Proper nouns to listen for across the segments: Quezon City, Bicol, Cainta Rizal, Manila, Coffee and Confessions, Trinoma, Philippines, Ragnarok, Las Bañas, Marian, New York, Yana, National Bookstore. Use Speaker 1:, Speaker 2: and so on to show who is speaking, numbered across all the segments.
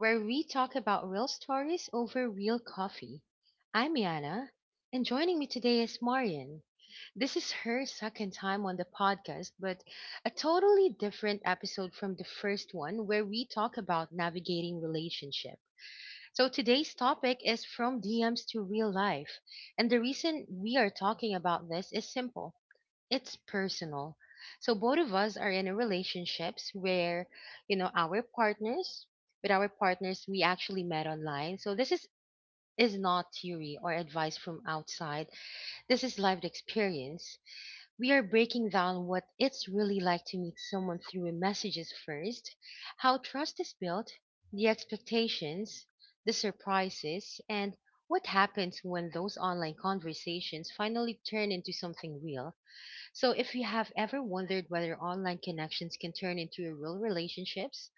Speaker 1: where we talk about real stories over real coffee. I'm Yana, and joining me today is Marian. This is her second time on the podcast, but a totally different episode from the first one where we talk about navigating relationship. So today's topic is from DMs to real life, and the reason we are talking about this is simple, it's personal. So both of us are in a relationships where, our partners, with our partners, we actually met online. So this is not theory or advice from outside. This is lived experience. We are breaking down what it's really like to meet someone through messages first, how trust is built, the expectations, the surprises, and what happens when those online conversations finally turn into something real. So, if you have ever wondered whether online connections can turn into real relationships,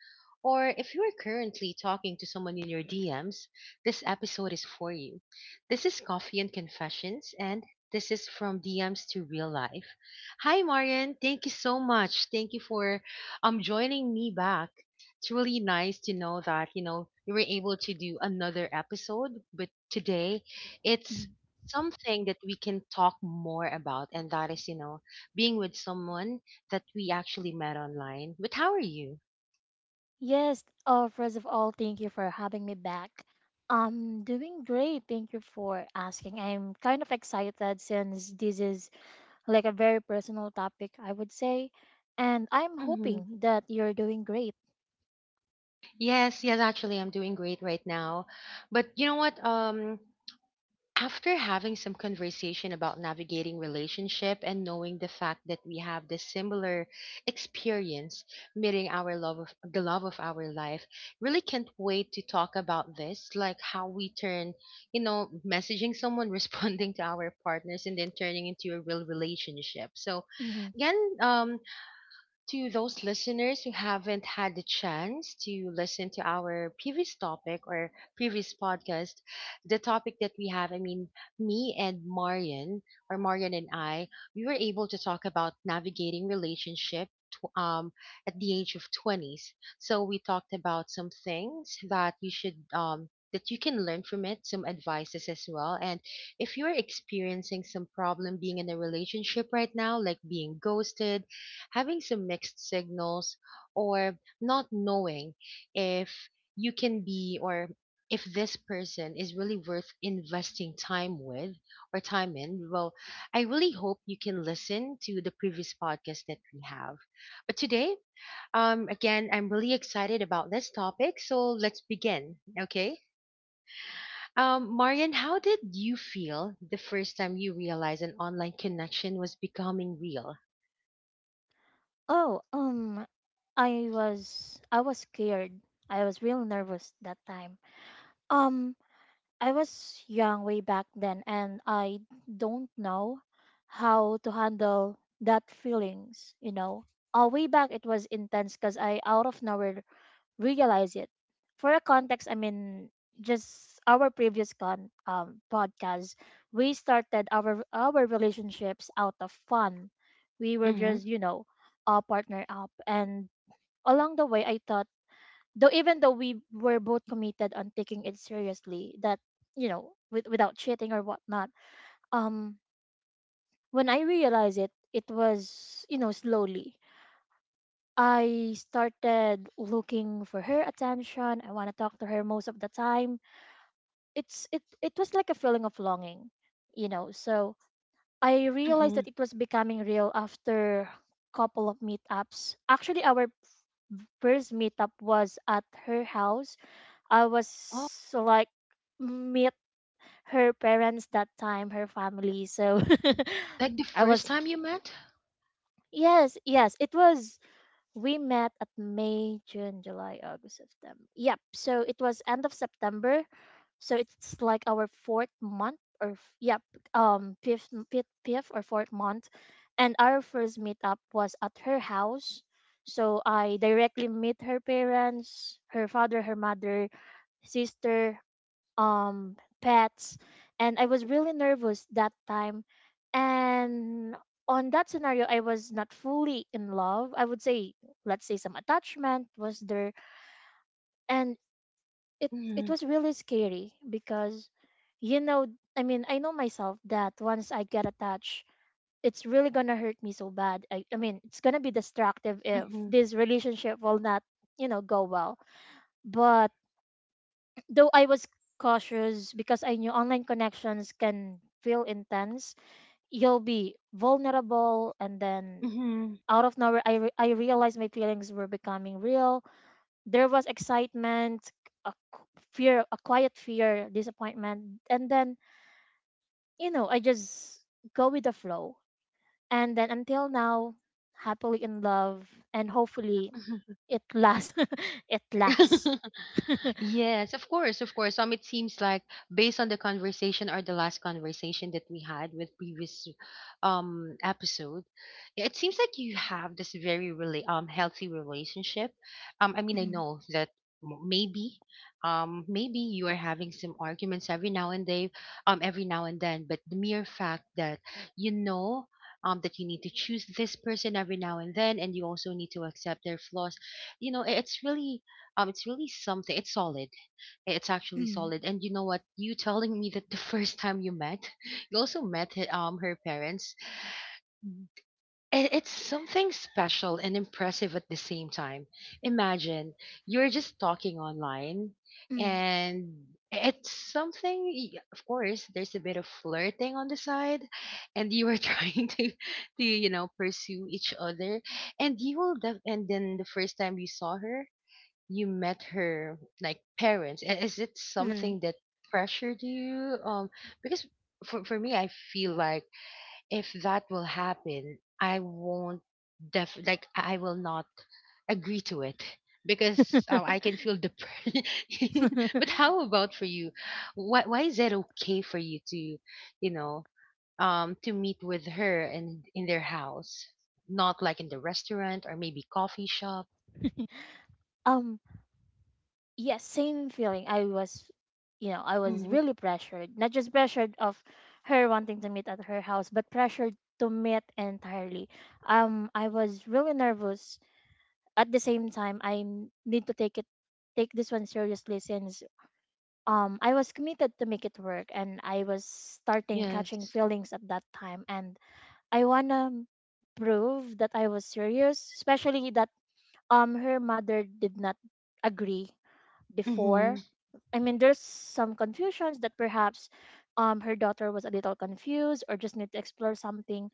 Speaker 1: or if you are currently talking to someone in your DMs, this episode is for you. This is Coffee and Confessions, and this is from DMs to real life. Hi, Marian. Thank you so much. Thank you for joining me back. It's really nice to know that you were able to do another episode, but today
Speaker 2: Mhm.
Speaker 1: it's something that we can talk more about, and that is, being with someone that we actually met online. But how are you?
Speaker 2: Yes, first of all, thank you for having me back. I'm doing great. Thank you for asking. I'm kind of excited since this is like a very personal topic, I would say, and I'm
Speaker 1: Mm-hmm.
Speaker 2: hoping that you're doing great.
Speaker 1: Yes, yes, actually, I'm doing great right now. But you know what? After having some conversation about navigating relationship and knowing the fact that we have this similar experience meeting our love of the love of our life, really can't wait to talk about this, like how we turn, messaging someone, responding to our partners, and then turning into a real relationship. So,
Speaker 2: Mhm.
Speaker 1: again, um, to those listeners who haven't had the chance to listen to our previous topic or previous podcast, the topic that we have, I mean, me and Marian, or Marian and I, we were able to talk about navigating relationship at the age of 20s. So we talked about some things that you should. That you can learn from it, some advices as well. And if you're experiencing some problem being in a relationship right now, like being ghosted, having some mixed signals, or not knowing if you can be, or if this person is really worth investing time with, or time in. Well, I really hope you can listen to the previous podcast that we have. But today, again, I'm really excited about this topic, so let's begin. Okay, Marian, how did you feel the first time you realized an online connection was becoming real?
Speaker 2: Oh, I was scared. I was real nervous that time. Um, I was young way back then, and I don't know how to handle that feelings. Way back it was intense because I, out of nowhere, realized it. For a context, I mean, just our previous con podcast, we started our relationships out of fun. We were
Speaker 1: Mm-hmm,
Speaker 2: just, you know, partner up. And along the way I thought, though, even though we were both committed on taking it seriously, that, without cheating or whatnot. Um when I realized it, it was, you know, slowly. I started looking for her attention. I want to talk to her most of the time. It was like a feeling of longing. So I realized
Speaker 1: mm-hmm.
Speaker 2: that it was becoming real after couple of meetups. Actually, our first meetup was at her house. I was so, like, meet her parents that time, her family. So,
Speaker 1: Like the
Speaker 2: I
Speaker 1: first
Speaker 2: was
Speaker 1: time you met?
Speaker 2: yes, yes, it was we met at May, June, July, August, September. Yep. So it was end of September. So it's like our fourth month or yep, fifth or fourth month. And our first meetup was at her house. So I directly meet her parents, her father, her mother, sister, um pets. And I was really nervous that time. And on that scenario, I was not fully in love, I would say. Let's say some attachment was there. And it
Speaker 1: Mm-hmm.
Speaker 2: was really scary because, you know, I mean, I know myself that once I get attached, it's really gonna hurt me so bad. I mean it's gonna be destructive if
Speaker 1: Mm-hmm.
Speaker 2: this relationship will not, you know, go well. But though I was cautious, because I knew online connections can feel intense, you'll be vulnerable. And then,
Speaker 1: Mm-hmm.
Speaker 2: out of nowhere, I realized my feelings were becoming real. There was excitement, a qu- fear, a quiet fear, disappointment, and then, you know, I just go with the flow. And then, until now, happily in love and hopefully it lasts. It lasts.
Speaker 1: Yes, of course, of course. It seems like based on the conversation or the last conversation that we had with previous episode, it seems like you have this very really healthy relationship. I mean, I
Speaker 2: Mm.
Speaker 1: know that m- maybe maybe you are having some arguments every now and then, every now and then, but the mere fact that you know. That you need to choose this person every now and then, and you also need to accept their flaws. You know, it's really something. It's solid. It's actually
Speaker 2: Mm.
Speaker 1: solid. And you know what? You telling me that the first time you met, you also met her, her parents. It's something special and impressive at the same time. Imagine you're just talking online, and it's something. Of course, there's a bit of flirting on the side, and you are trying to, you know, pursue each other, and you will. And then the first time you saw her, you met her like parents. Is it
Speaker 2: Mm.
Speaker 1: something that pressured you, because for me, I feel like if that will happen, I won't def like I will not agree to it, because
Speaker 2: Mm.
Speaker 1: I can feel the But how about for you? Why is it okay for you to, you know to meet with her and in their house, not like in the restaurant or maybe coffee shop?
Speaker 2: Um, yes, same feeling. I was
Speaker 1: Hmm.
Speaker 2: really pressured. Not just pressured of her wanting to meet at her house, but pressured to meet entirely. I was really nervous. At the same time, need to take this one seriously, since I was committed to make it work, and I was starting catching
Speaker 1: Yes.
Speaker 2: feelings at that time, and I wanna prove that I was serious, especially that her mother did not agree
Speaker 1: Mm-hmm.
Speaker 2: before. I mean, there's some confusions that perhaps her daughter was a little confused or just need to explore something.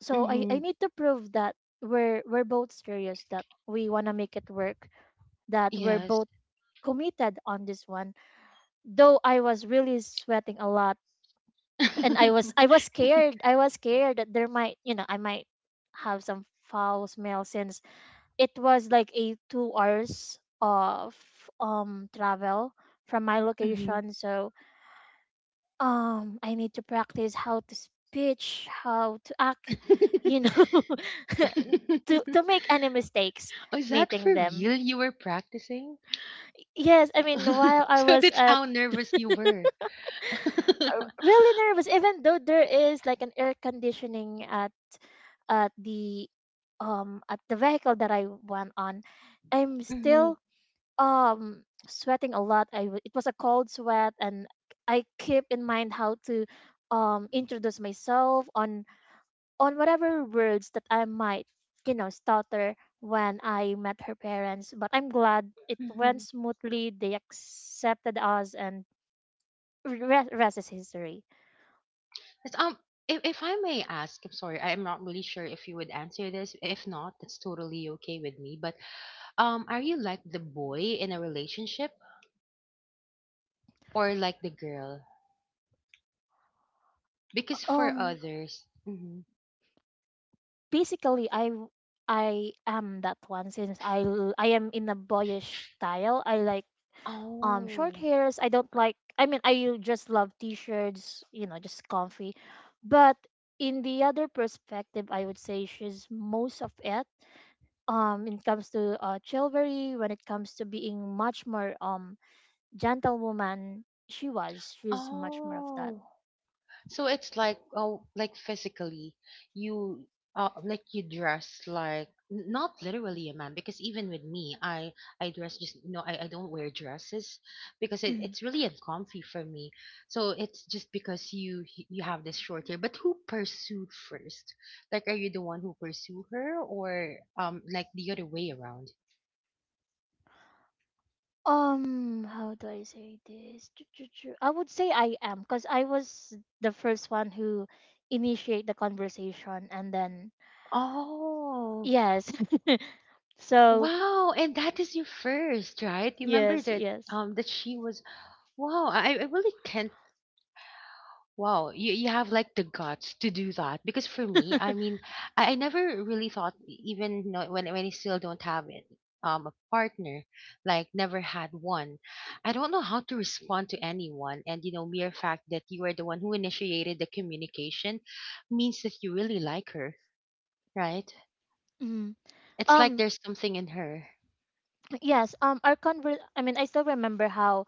Speaker 2: So I
Speaker 1: Mhm.
Speaker 2: need to prove that we're both serious, that we wanna make it work, that we're
Speaker 1: Yes.
Speaker 2: both committed on this one. Though I was really sweating a lot. And I was I was scared. I was scared that there might, you know, I might have some foul smell, since it was like a 2 hours of travel from my
Speaker 1: Mhm.
Speaker 2: location. So I need to practice how to speech, how to act, you know. To make any mistakes
Speaker 1: Oh, is that
Speaker 2: meeting
Speaker 1: for
Speaker 2: them.
Speaker 1: real? You were practicing?
Speaker 2: Yes, I mean, while I
Speaker 1: So
Speaker 2: was
Speaker 1: that's
Speaker 2: at,
Speaker 1: how nervous you were.
Speaker 2: really nervous, even though there is like an air conditioning at at the the vehicle that I went on, I'm
Speaker 1: Mm-hmm.
Speaker 2: still um sweating a lot. It was a cold sweat. And I keep in mind how to introduce myself on whatever words that I might, you know, stutter when I met her parents. But I'm glad it
Speaker 1: Mm-hmm.
Speaker 2: went smoothly. They accepted us, and rest is history.
Speaker 1: Yes. If I may ask, I'm sorry, I'm not really sure if you would answer this. If not, that's totally okay with me. But are you like the boy in a relationship or like the girl? Because for
Speaker 2: um
Speaker 1: others, hmm.
Speaker 2: basically I am that one, since I am in a boyish style. I like short
Speaker 1: Oh,
Speaker 2: hairs. I don't like, I mean, I just love t-shirts, you know, just comfy. But in the other perspective, I would say she's most of it. When it comes to chivalry, when it comes to being much more gentlewoman, she was. She's much more of that.
Speaker 1: oh, so it's like oh, like physically, you like you dress like not literally a man, because even with me, I dress just no, I don't wear dresses because
Speaker 2: Hmm.
Speaker 1: it's really uncomfy for me. So it's just because you have this short hair. But who pursued first? Like, are you the one who pursue her, or like the other way around?
Speaker 2: How do I say this? I would say I am, because I was the first one who initiate the conversation, and then,
Speaker 1: Oh,
Speaker 2: yes. So.
Speaker 1: wow! And that is your first, right? You remember
Speaker 2: Yes,
Speaker 1: that
Speaker 2: yes.
Speaker 1: that she was wow. I really can't. Wow, you have like the guts to do that, because for me, I mean, I never really thought, even no when I still don't have it, a partner, like never had one. I don't know how to respond to anyone, and you know, mere fact that you are the one who initiated the communication means that you really like her, right?
Speaker 2: Mhm.
Speaker 1: It's like
Speaker 2: Um,
Speaker 1: there's something in her.
Speaker 2: yes, our conver I mean, I still remember how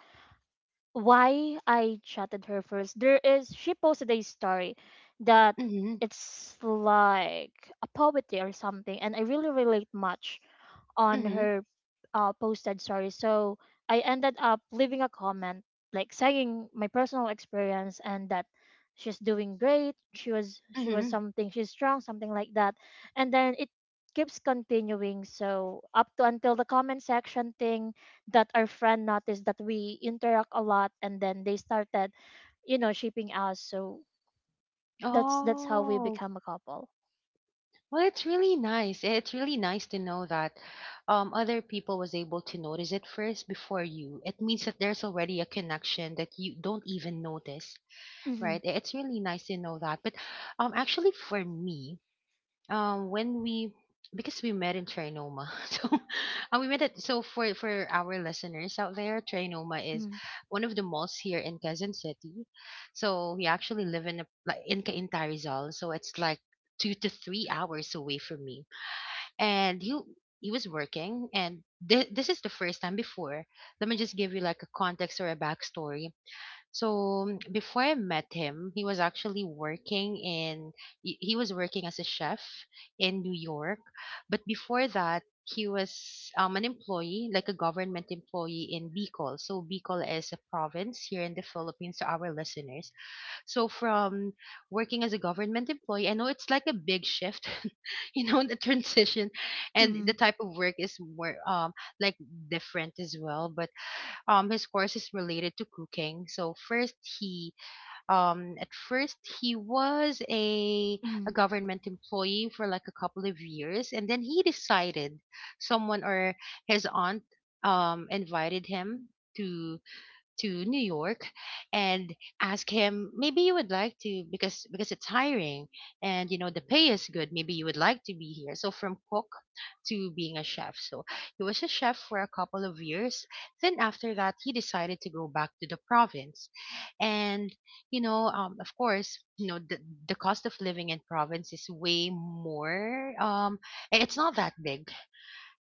Speaker 2: why I chatted her first. There is, she posted a story that
Speaker 1: Mm-hmm.
Speaker 2: it's like a poetry or something, and I really relate much on
Speaker 1: Mm-hmm.
Speaker 2: her posted story. So I ended up leaving a comment, like saying my personal experience and that she's doing great. She was
Speaker 1: Mm-hmm.
Speaker 2: something. She's strong, something like that. And then it keeps continuing. So, up to until the comment section thing, that our friend noticed that we interact a lot, and then they started, you know, shipping us. So that's how we
Speaker 1: Oh.
Speaker 2: become a couple.
Speaker 1: Well, it's really nice. It's really nice to know that other people was able to notice it first before you. It means that there's already a connection that you don't even notice,
Speaker 2: Mm-hmm.
Speaker 1: right? It's really nice to know that. But actually, for me, when we, because we met in Trinoma so. And we met at, so, for our listeners out there, Trinoma is
Speaker 2: Mm-hmm.
Speaker 1: one of the malls here in Quezon City. So we actually live in a, like in Cainta Rizal, so it's like two to three hours away from me. And he was working, and this is the first time. Before, let me just give you like a context or a backstory. So, mm, before I met him, he was actually working in, he was working as a chef in New York. But before that, he was an employee, like a government employee in Bicol. So Bicol is a province here in the Philippines, to our listeners. So from working as a government employee, I know it's like a big shift, you know, the transition and the
Speaker 2: Mm-hmm.
Speaker 1: type of work is more like different as well. But his course is related to cooking. So first he, at first he was a
Speaker 2: Mm-hmm.
Speaker 1: government employee for like a couple of years, and then he decided someone, or his aunt invited him to to New York, and ask him maybe you would like to, because it's hiring, and you know the pay is good, maybe you would like to be here. So from cook to being a chef, so he was a chef for a couple of years, then after that he decided to go back to the province. And you know of course, you know, the cost of living in province is way more it's not that big,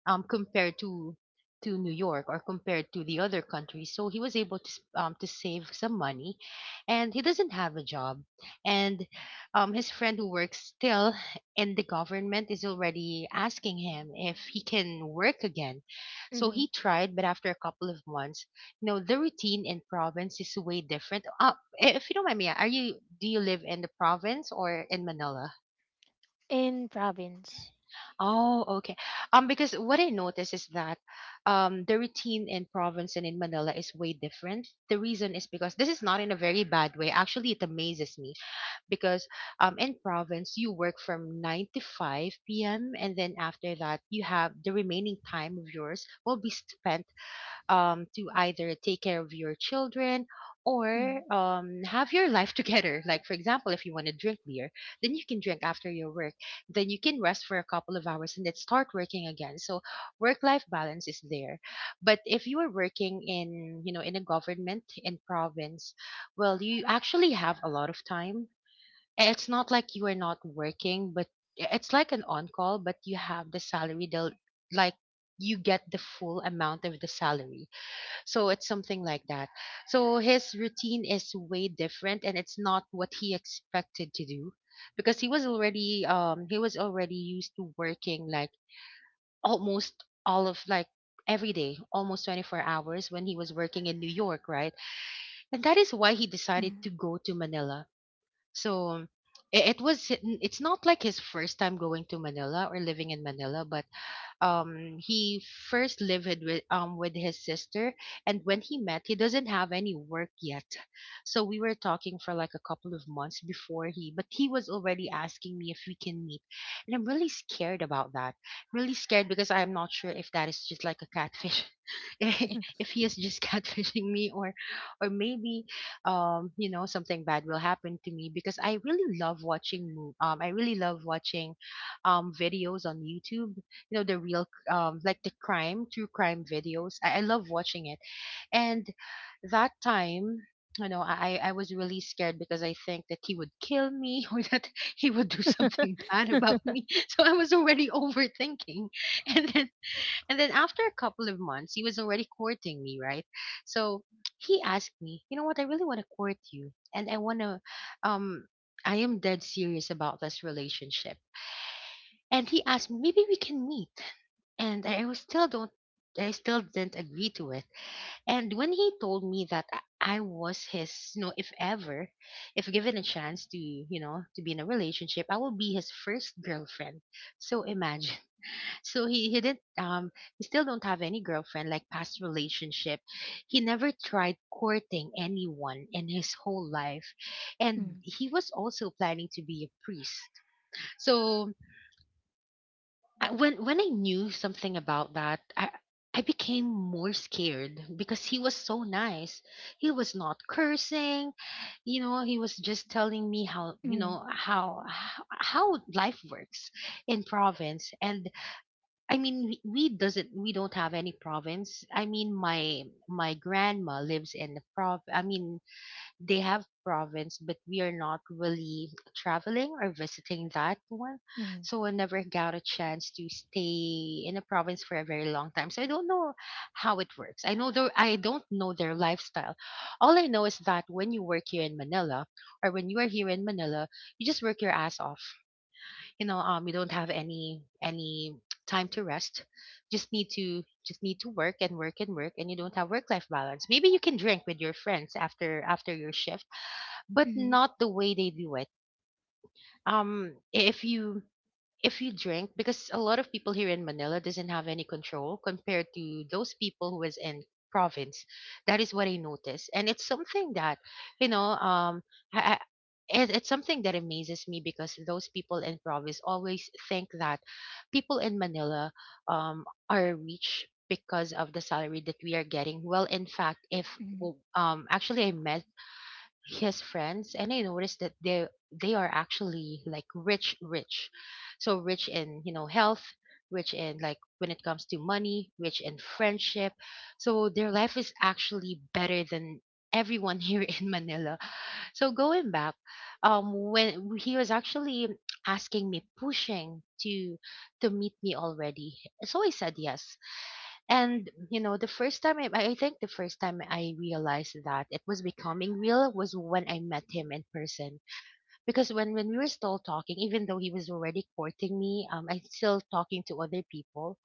Speaker 1: compared to New York, or compared to the other countries. So he was able to to save some money, and he doesn't have a job. And his friend who works still in the government is already asking him if he can work again. So
Speaker 2: Mm-hmm.
Speaker 1: he tried, but after a couple of months, you know, the routine in province is way different. If you don't mind me, are you do you live in the province or in Manila?
Speaker 2: In province.
Speaker 1: Oh, okay. Because what I notice is that the routine in province and in Manila is way different. The reason is because this is not in a very bad way. Actually, it amazes me because in province you work from 9 to 5 p.m., and then after that you have the remaining time of yours will be spent to either take care of your children, or
Speaker 2: Mm.
Speaker 1: have your life together. Like, for example, if you want to drink beer, then you can drink after your work. Then you can rest for a couple of hours and then start working again. So work life balance is there. But if you are working in, you know, in a government, in province, well, you actually have a lot of time. It's not like you are not working, but it's like an on call, but you have the salary. They'll like you get the full amount of the salary. So it's something like that. So his routine is way different, and it's not what he expected to do because he was already used to working almost all of every day, almost 24 hours when he was working in New York, right? And that is why he decided
Speaker 2: Mm.
Speaker 1: to go to Manila. So i- it was it's not like his first time going to Manila or living in Manila, but he first lived with his sister. And when he met, he doesn't have any work yet, so we were talking for like a couple of months before he but he was already asking me if we can meet. And I'm really scared about that, really scared because I'm not sure if that is just like a catfish, if he is just catfishing me, or maybe you know something bad will happen to me because I really love watching I really love watching videos on YouTube. You know the real like the crime, true crime videos, I love watching it. And that time, you know, I was really scared because I think that he would kill me, or that he would do something bad about me. So I was already overthinking. And then and then after a couple of months, he was already courting me, right? So he asked me, you know, what I really want to court you and I want to um I am dead serious about this relationship. And he asked me maybe we can meet, and I was still don't I still didn't agree to it. And when he told me that I was his, you know, if ever, if given a chance to, you know, to be in a relationship, I will be his first girlfriend. So imagine. So he didn't he still don't have any girlfriend, like past relationship. He never tried courting anyone in his whole life. And
Speaker 2: Mm.
Speaker 1: he was also planning to be a priest. So when I knew something about that, I became more scared because he was so nice. He was not cursing, you know. He was just telling me how you
Speaker 2: Mm.
Speaker 1: know how life works in province. And I mean, we don't have any province. I mean, my grandma lives in the prov. I mean, they have province, but we are not really traveling or visiting that one.
Speaker 2: Mm.
Speaker 1: So I never got a chance to stay in a province for a very long time. So I don't know how it works. I know I don't know their lifestyle. All I know is that when you work here in Manila, or when you are here in Manila, you just work your ass off. You know, you don't have any time to rest. Just need to work and work and work, and you don't have work life balance. Maybe you can drink with your friends after your shift, but
Speaker 2: Mm.
Speaker 1: not the way they do it. Um, if you if you drink, because a lot of people here in Manila doesn't have any control compared to those people who is in province. That is what I noticed, and it's something that, you know. I, I, it, it's something that amazes me because those people in province always think that people in Manila are rich because of the salary that we are getting. Well, in fact, if actually I met his friends and I noticed that they are actually rich, rich, so rich in, you know, health, rich in, like, when it comes to money, rich in friendship. So their life is actually better than everyone here in Manila. So going back, when he was actually asking me, pushing to meet me already, so I said yes. And, you know, the first time I think the first time I realized that it was becoming real was when I met him in person. Because when we were still talking, even though he was already courting me, I'm still talking to other people,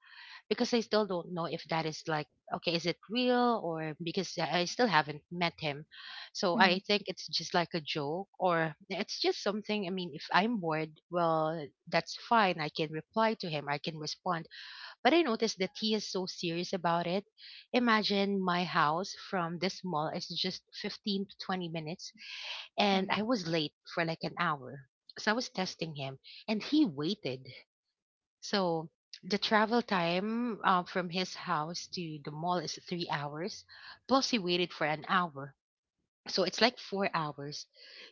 Speaker 1: because I still don't know if that is like, okay, is it real? Or because I still haven't met him. So
Speaker 2: Mm. Mm.
Speaker 1: I think it's just like a joke, or it's just something. I mean, if I'm bored, well, that's fine. I can reply to him, I can respond, but I noticed that he is so serious about it. Imagine my house from this mall is just 15 to 20 minutes, and
Speaker 2: Mm.
Speaker 1: I was late for like an hour. So I was testing him, and he waited. So the travel time from his house to the mall is 3 hours, plus he waited for an hour. So it's like 4 hours.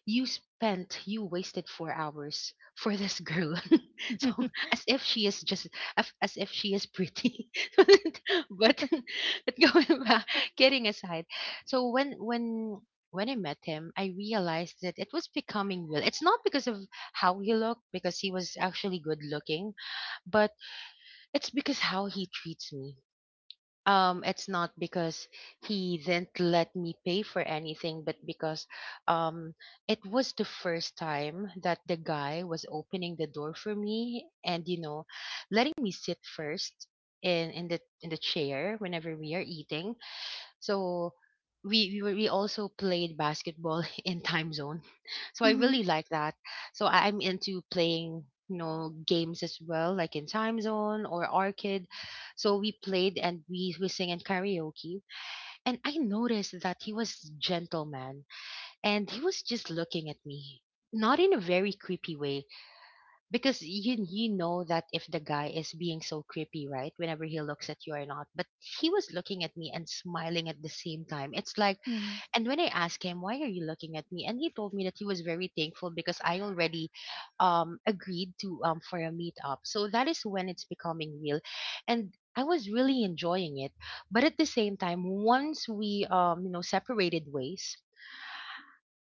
Speaker 1: You wasted 4 hours for this girl. So as if she is just, as if she is pretty. but, but going back, kidding aside. So when I met him, I realized that it was becoming real. It's not because of how he looked, because he was actually good looking, but it's because how he treats me. It's not because he didn't let me pay for anything, but because um, it was the first time that the guy was opening the door for me, and, you know, letting me sit first in the chair whenever we are eating. So we also played basketball in time zone. So I really like that. So I'm into playing, you know, games as well, like in time zone or arcade. So we played, and we sing in karaoke. And I noticed that he was gentleman, and he was just looking at me, not in a very creepy way, because you know that if the guy is being so creepy, right, whenever he looks at you or not. But he was looking at me and smiling at the same time. It's like,
Speaker 2: Mm. Mm. Mm.
Speaker 1: and when I asked him why are you looking at me, and he told me that he was very thankful because I already agreed to for a meetup. So that is when it's becoming real, and I was really enjoying it. But at the same time, once we you know separated ways,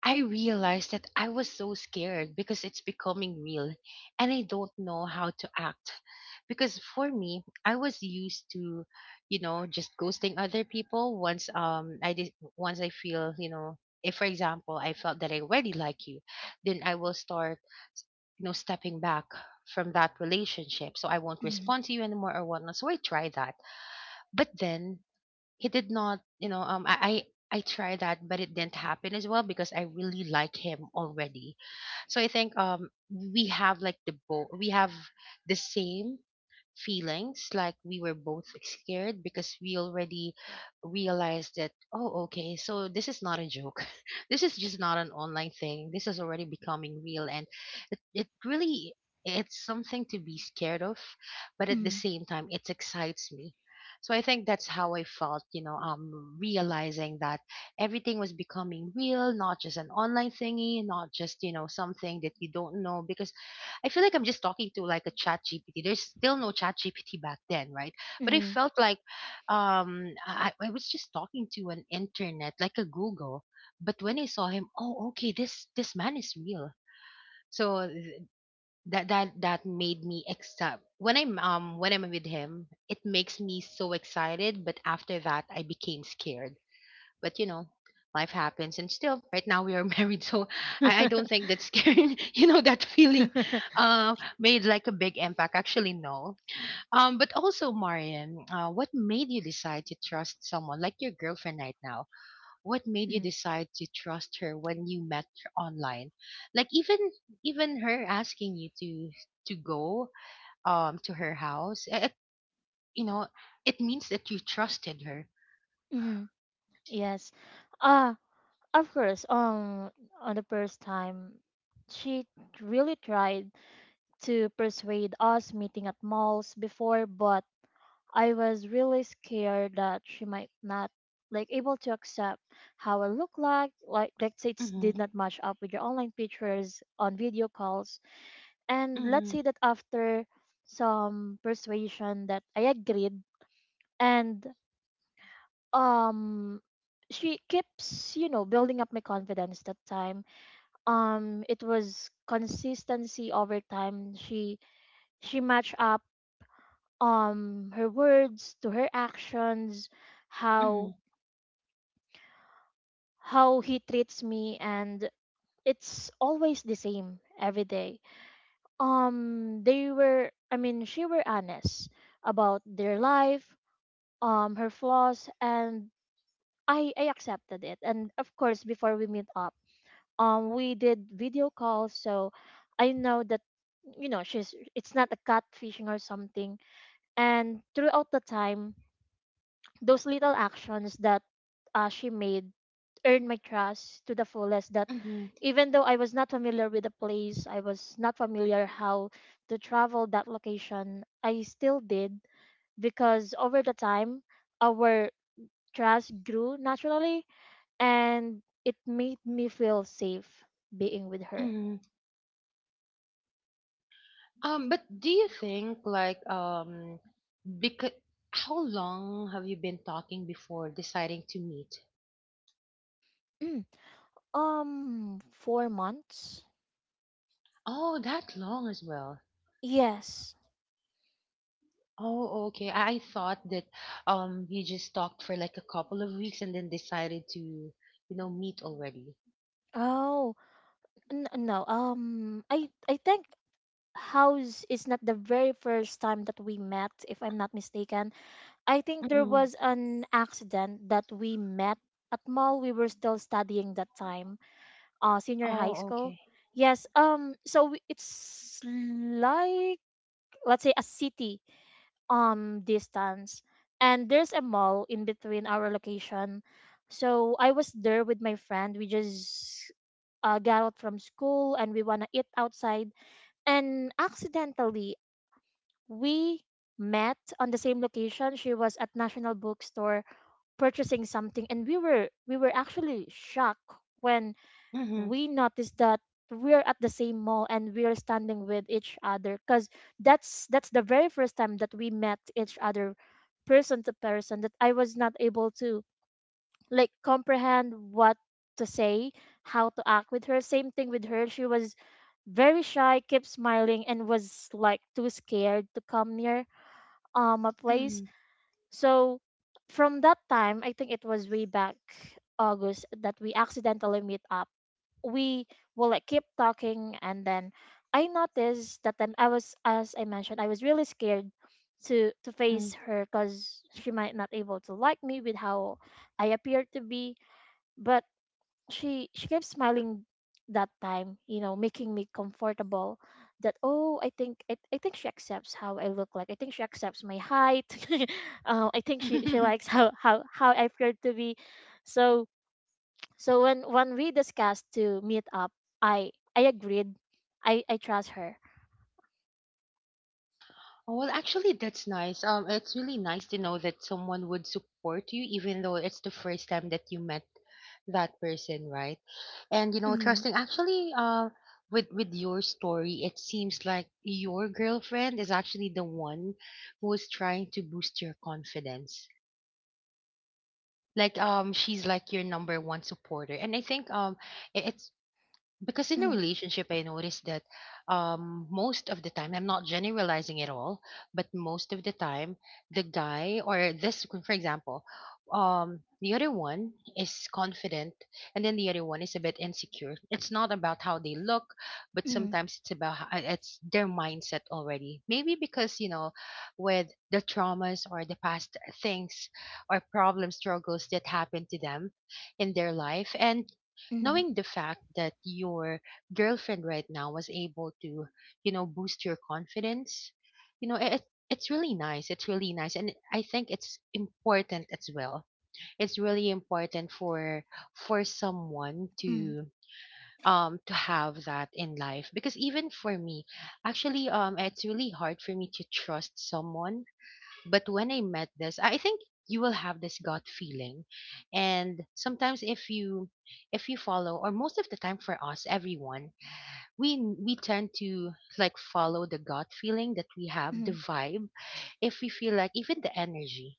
Speaker 1: I realized that I was so scared because it's becoming real, and I don't know how to act. Because for me, I was used to, you know, just ghosting other people once I did once I feel, you know, if for example I felt that I already like you, then I will start, you know, stepping back from that relationship. So I won't respond to you anymore or whatnot. So I try that. But then he did not, you know, I tried that, but it didn't happen as well because I really like him already. So I think we have like the both we have the same feelings, like we were both scared because we already realized that, oh, okay, so this is not a joke. This is just not an online thing, this is already becoming real. And it really it's something to be scared of, but at the
Speaker 2: Mm.
Speaker 1: same time it excites me. So I think that's how I felt, you know, realizing that everything was becoming real, not just an online thingy, not just, you know, something that you don't know. Because I feel like I'm just talking to like a chat GPT. There's still no chat GPT back then, right?
Speaker 2: Mm.
Speaker 1: But I
Speaker 2: Mm.
Speaker 1: felt like I was just talking to an internet, like a Google. But when I saw him, oh, okay, this man is real. So that that made me extra when I'm with him. It makes me so excited, but after that I became scared. But, you know, life happens, and still right now we are married. So I don't think that scaring you know, that feeling made like a big impact, actually, no. But also, Marian, what made you decide to trust someone like your girlfriend right now? What made you decide to trust her when you met her online? Like, even her asking you to go to her house, it, you know, it means that you trusted her.
Speaker 2: Mm. Yes. Uh, of course, on the first time, she really tried to persuade us meeting at malls before, but I was really scared that she might not, like, able to accept how I look like. Like, let's say, it
Speaker 1: Mm-hmm.
Speaker 2: did not match up with your online pictures on video calls. And let's
Speaker 1: Mm-hmm.
Speaker 2: say that after some persuasion that I agreed, and um she keeps, you know, building up my confidence that time. It was consistency over time. She matched up her words to her actions,
Speaker 1: Mm-hmm.
Speaker 2: how he treats me, and it's always the same every day. They were, I mean, she were honest about their life, her flaws, and I accepted it. And of course, before we meet up, we did video calls, so I know that, you know, she's, it's not a catfishing or something. And throughout the time, those little actions that she made earned my trust to the fullest, that
Speaker 1: Mm-hmm.
Speaker 2: even though I was not familiar with the place, I was not familiar how to travel that location, I still did, because over the time our trust grew naturally, and it made me feel safe being with her.
Speaker 1: Mm. But do you think like because how long have you been talking before deciding to meet?
Speaker 2: Mm. um 4 months?
Speaker 1: Oh, that long as well.
Speaker 2: Yes.
Speaker 1: Oh, okay. I thought that you just talked for like a couple of weeks and then decided to, you know, meet already.
Speaker 2: Oh, no. I think House is not the very first time that we met, if I'm not mistaken. I think there
Speaker 1: Mm-hmm.
Speaker 2: was an accident that we met at mall. We were still studying that time, senior high
Speaker 1: Oh,
Speaker 2: school.
Speaker 1: okay.
Speaker 2: Yes. So, it's like, let's say, a city distance, and there's a mall in between our location. So I was there with my friend. We just got out from school and we wanna eat outside, and accidentally we met on the same location. She was at National Bookstore purchasing something, and we were actually shocked when
Speaker 1: Mm-hmm.
Speaker 2: we noticed that we're at the same mall and we're standing with each other, because that's the very first time that we met each other person to person, that I was not able to, like, comprehend what to say, how to act with her. Same thing with her, she was very shy, kept smiling, and was, like, too scared to come near a place. So, from that time, I think it was way back August that we accidentally meet up. We will, like, keep talking, and then I noticed that, then I was, as I mentioned, I was really scared to
Speaker 1: Mm-hmm.
Speaker 2: face her, because she might not able to like me with how I appear to be. But she kept smiling that time, you know, making me comfortable, that oh, I think she accepts how I look like. I think she accepts my height. I think she likes how, how I appear to be. So, when we discussed to meet up, I agreed. I trust her.
Speaker 1: Oh, well, actually, that's nice. It's really nice to know that someone would support you, even though it's the first time that you met that person, right? And you know,
Speaker 2: Mhm.
Speaker 1: trusting actually, with your story, it seems like your girlfriend is actually the one who is trying to boost your confidence. Like, she's like your number one supporter, and I think it's because in a
Speaker 2: Mhm.
Speaker 1: relationship I noticed that most of the time I'm not generalizing at all, but most of the time the guy or this, for example, the other one is confident and then the other one is a bit insecure. It's not about how they look, but
Speaker 2: Mhm.
Speaker 1: sometimes it's about it's their mindset already, maybe because you know, with the traumas or the past things or problem struggles that happened to them in their life. And knowing the fact that your girlfriend right now was able to, you know, boost your confidence, you know, it's really nice, it's really nice. And I think it's important as well. It's really important for someone
Speaker 2: Mhm.
Speaker 1: to, to have that in life. Because even for me actually, it's really hard for me to trust someone, but when I met this, I think you will have this gut feeling. And sometimes if you, if you follow, or most of the time for us, everyone, we we tend to, like, follow the gut feeling that we have, the
Speaker 2: Mhm.
Speaker 1: vibe, if we feel like, even the energy.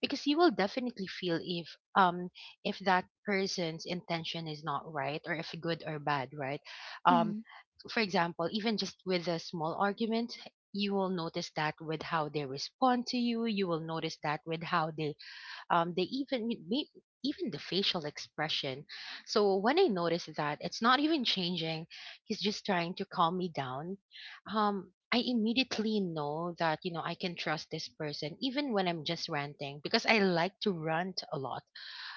Speaker 1: Because you will definitely feel if, um if that person's intention is not right, or if good or bad, right? um
Speaker 2: Mhm.
Speaker 1: for example, even just with a small argument, you will notice that with how they respond to you. You will notice that with how they, um, they even may- even the facial expression. So when I notice that it's not even changing, he's just trying to calm me down. I immediately know that, you know, I can trust this person even when I'm just ranting, because I like to rant a lot,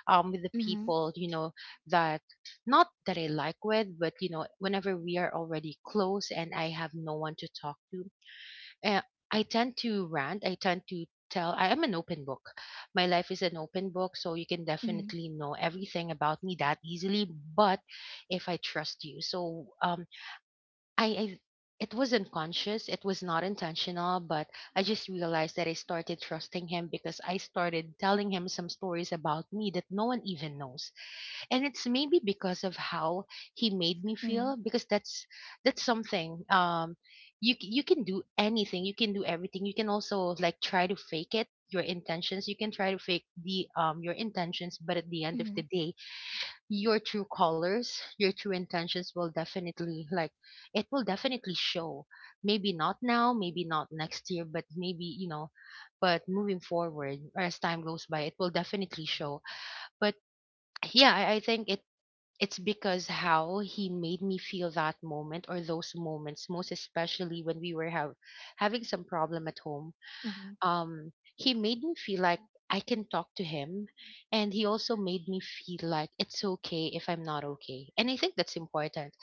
Speaker 1: with the
Speaker 2: Mhm.
Speaker 1: people, you know, that not that I like with, but you know, whenever we are already close and I have no one to talk to, uh, I tend to rant, I tend to tell. I am an open book, my life is an open book, so you can
Speaker 2: Mhm. Mhm.
Speaker 1: definitely know everything about me that easily. But if I trust you, so I it was not conscious, it was not intentional, but I just realized that I started trusting him because I started telling him some stories about me that no one even knows. And it's maybe because of how he made me feel, because that's that's something. You you can do anything, you can do everything, you can also like try to fake it, your intentions, you can try to fake the, your intentions, but at the end of the
Speaker 2: Mhm.
Speaker 1: day your true colors, your true intentions will definitely like, it will definitely show. Maybe not now, maybe not next year, but maybe, you know, but moving forward, or as time goes by, it will definitely show. But yeah, I think it's because how he made me feel that moment, or those moments, most especially when we were having some problem at home.
Speaker 2: Mhm.
Speaker 1: He made me feel like I can talk to him, and he also made me feel like it's okay if I'm not okay. And I think that's important.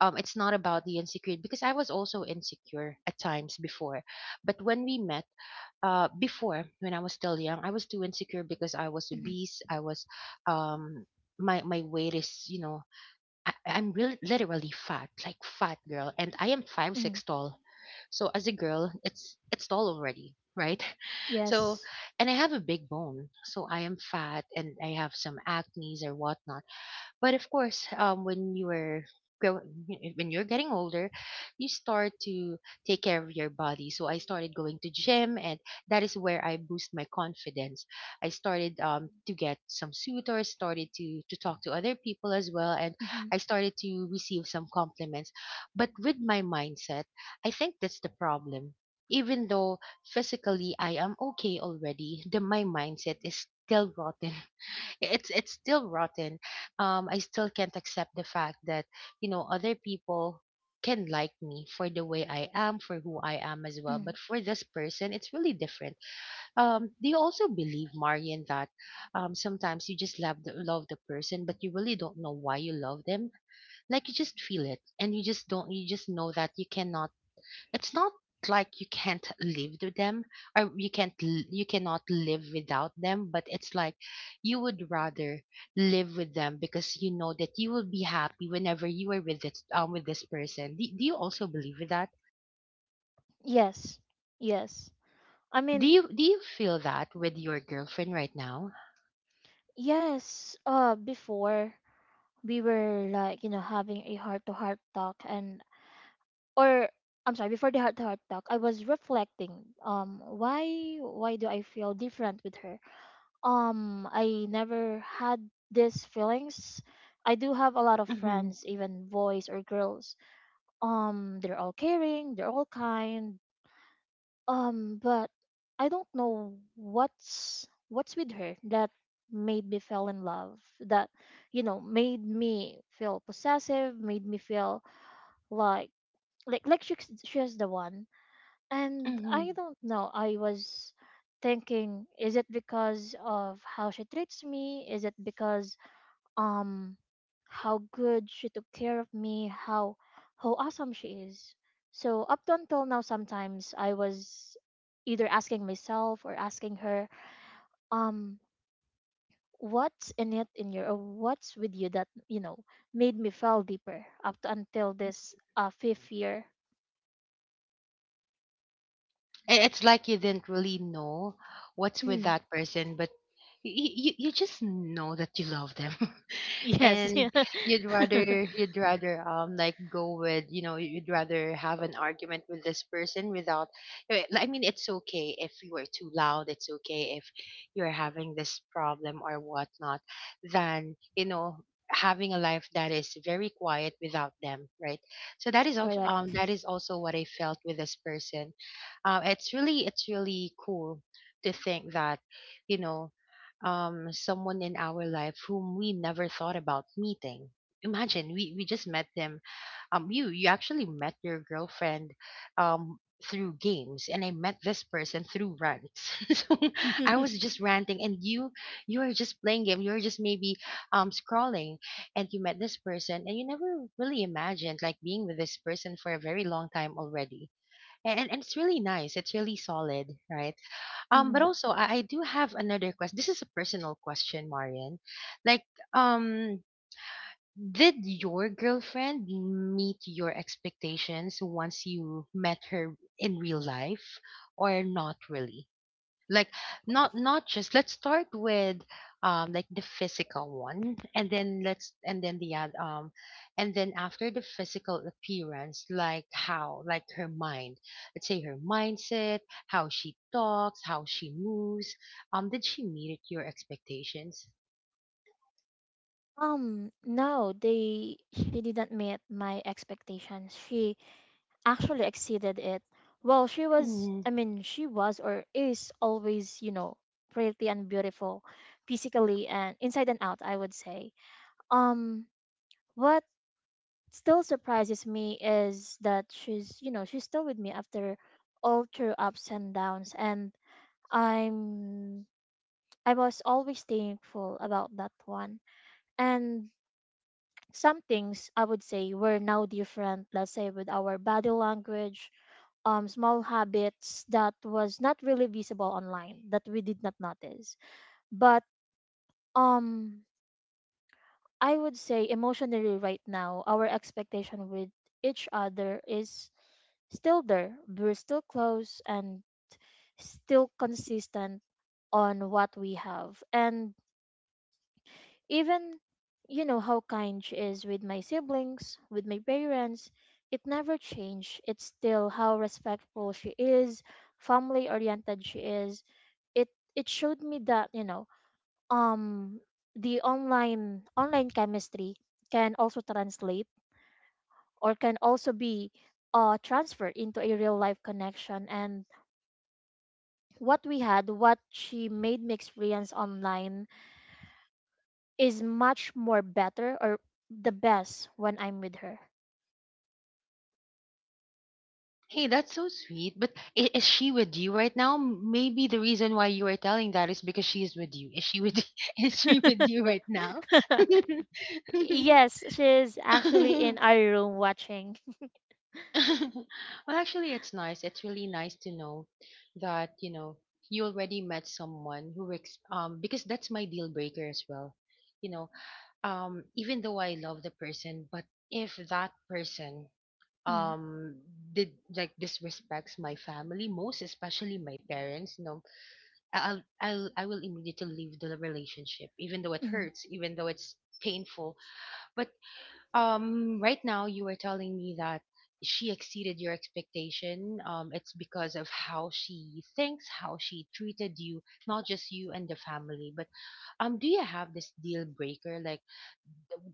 Speaker 1: It's not about the insecurity, because I was also insecure at times before, but when we met. Before when I was still young, I was too insecure because I was
Speaker 2: Mhm. Mhm.
Speaker 1: obese. I was, um, my weight is, you know, I'm really literally fat, like fat girl, and I am five
Speaker 2: Mhm.
Speaker 1: six tall. So as a girl, it's tall already, right? So,
Speaker 2: Yes.
Speaker 1: and I have a big bone, so I am fat and I have some acne's or whatnot. But of course, when you are grow- when you're getting older, you start to take care of your body. So I started going to gym, and that is where I boost my confidence. I started to get some suitors, started to talk to other people as well, and
Speaker 2: Mm-hmm.
Speaker 1: I started to receive some compliments. But with my mindset, I think that's the problem. Even though physically I am okay already, the my mindset is still rotten, it's still rotten. I still can't accept the fact that, you know, other people can like me for the way I am, for who I am as well.
Speaker 2: Mm-hmm.
Speaker 1: But for this person it's really different. Do you also believe, Marian, that sometimes you just love the person, but you really don't know why you love them? Like you just feel it, and you just don't, you just know that you cannot, it's not like you can't live with them, or you can't you cannot live without them. But it's like you would rather live with them because you know that you will be happy whenever you are with this, with this person. Do you also believe with that?
Speaker 2: Yes. Yes. I
Speaker 1: Do
Speaker 2: mean,
Speaker 1: you do you feel that with your girlfriend right now?
Speaker 2: yes, before we were, like, you know, having a heart to heart talk, and or I'm sorry, before the heart to heart talk, I was reflecting why do I feel different with her? I never had these feelings. I do have a lot of
Speaker 1: Mm-hmm.
Speaker 2: friends, even boys or girls. They're all caring, they're all kind. But I don't know what's with her that made me fell in love. That made me feel possessive, made me feel like like she's the one. And
Speaker 1: Mm-hmm.
Speaker 2: I don't know. I was thinking, is it because of how she treats me? Is it because um how good she took care of me, how awesome she is. So up to until now sometimes I was either asking myself or asking her, um, what's in it in your or what's with you that, made me fall deeper up to until this fifth year.
Speaker 1: It's like you didn't really know what's with
Speaker 2: Mm,
Speaker 1: that person, but you just know that you love them.
Speaker 2: yes.
Speaker 1: And
Speaker 2: Yeah.
Speaker 1: you'd rather you'd rather, like go with, you know, you'd rather have an argument with this person without, I mean, it's okay if you are too loud, it's okay if you're having this problem or whatnot, than, you know, having a life that is very quiet without them, right? So that is also,
Speaker 2: Correct.
Speaker 1: that is also what I felt with this person. It's really, it's really cool to think that, you know, someone in our life whom we never thought about meeting. Imagine we just met them. You you actually met your girlfriend, um, through games, and I met this person through rants. So I was just ranting, and you were just playing game. You were just maybe scrolling, and you met this person, and you never really imagined like being with this person for a very long time already. And it's really nice. It's really solid, right? But
Speaker 2: Mhm.
Speaker 1: also I do have another question. This is a personal question, Marian. Like, um, did your girlfriend meet your expectations once you met her in real life, or not really? Like, not just let's start with like the physical one, and then let's, and then the and then after the physical appearance, like how, like her mind, let's say her mindset, how she talks, how she moves. Did she meet your expectations?
Speaker 2: No, they she didn't meet my expectations. She actually exceeded it. Well, she was,
Speaker 1: Mm.
Speaker 2: she was or is always, pretty and beautiful physically and inside and out, I would say. Um, what still surprises me is that she's, she's still with me after all through ups and downs. And I'm, I was always thankful about that one. And some things I would say were now different, let's say with our body language, small habits that was not really visible online that we did not notice. But um, I would say emotionally right now, our expectation with each other is still there. We're still close and still consistent on what we have. And even, how kind she is with my siblings, with my parents, it never changed. It's still how respectful she is, family oriented she is. it it showed me that um the online chemistry can also translate or can also be transferred into a real life connection. And what we had, what she made me experience online is much more better, or the best when I'm with her.
Speaker 1: Hey, that's so sweet. But is she with you right now? Maybe the reason why you are telling that is because she is with you. Is she with is she with you right now?
Speaker 2: Yes, she's actually in our room watching.
Speaker 1: Well, actually, it's nice. It's really nice to know that, you know, you already met someone who because that's my deal breaker as well. You know, even though I love the person, but if that person
Speaker 2: Mm,
Speaker 1: um did like disrespects my family, most especially my parents, you know, I will immediately leave the relationship, even though it
Speaker 2: mm,
Speaker 1: hurts, even though it's painful. But right now you were telling me that she exceeded your expectation. It's because of how she thinks, how she treated you, not just you and the family. But do you have this deal breaker? Like,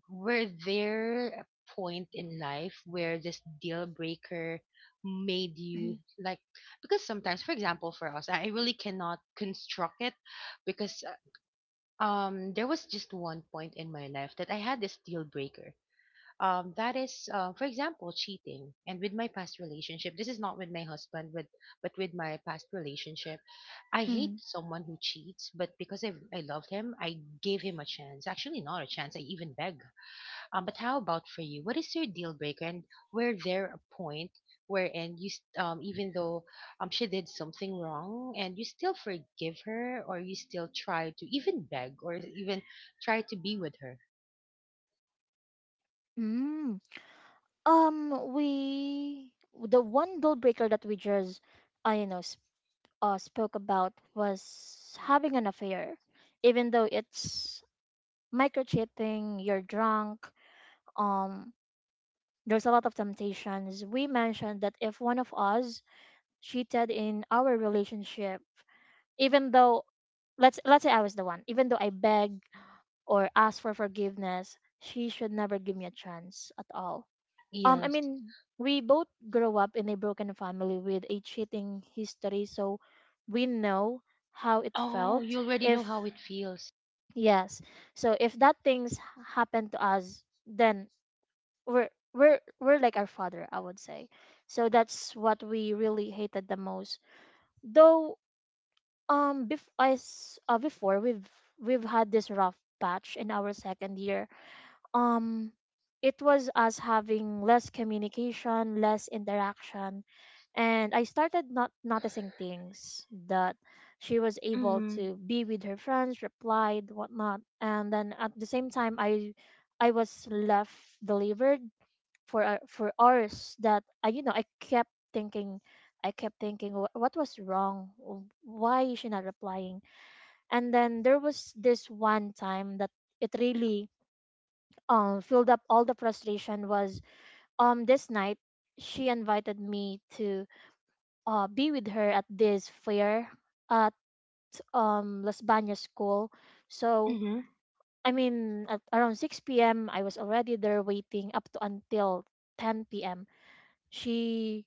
Speaker 1: were there a point in life where this deal breaker made
Speaker 2: mm,
Speaker 1: you like? Because sometimes, for example, for us, I really cannot construct it because there was just one point in my life that I had this deal breaker, that is, for example, cheating. And with my past relationship, this is not with my husband, with but with my past relationship, I hate
Speaker 2: mm,
Speaker 1: someone who cheats. But because I loved him, I gave him a chance. Actually, not a chance. I even beg. But how about for you? What is your deal breaker? And were there a point wherein you even though she did something wrong, and you still forgive her, or you still try to even beg or even try to be with her?
Speaker 2: mm. We the one deal breaker that we just, I sp spoke about was having an affair, even though it's micro cheating, you're drunk. Um, there's a lot of temptations. We mentioned that if one of us cheated in our relationship, even though let's say I was the one, even though I beg or ask for forgiveness, she should never give me a chance at all. Um, I
Speaker 1: Yes.
Speaker 2: mean, we both grew up in a broken family with a cheating history, so we know how it
Speaker 1: Oh,
Speaker 2: felt.
Speaker 1: you already know
Speaker 2: If
Speaker 1: how it feels.
Speaker 2: yes, so if that things happened to us, then we're like our father, I would say. So that's what we really hated the most. Though bef- as before we've had this rough patch in our second year, um it was us having less communication, less interaction, and I started not noticing things. That she was able
Speaker 1: Mm-hmm.
Speaker 2: to be with her friends, replied, whatnot, and then at the same time I was left, delivered for for hours, that I I kept thinking, I kept thinking, "Wh- what was wrong? Wh- why is she not replying?" And then there was this one time that it really filled up all the frustration. Was this night, she invited me to be with her at this fair at Las Bañas school. So
Speaker 1: Mm-hmm.
Speaker 2: I mean, at around 6 p.m. I was already there waiting up to until 10 p.m. She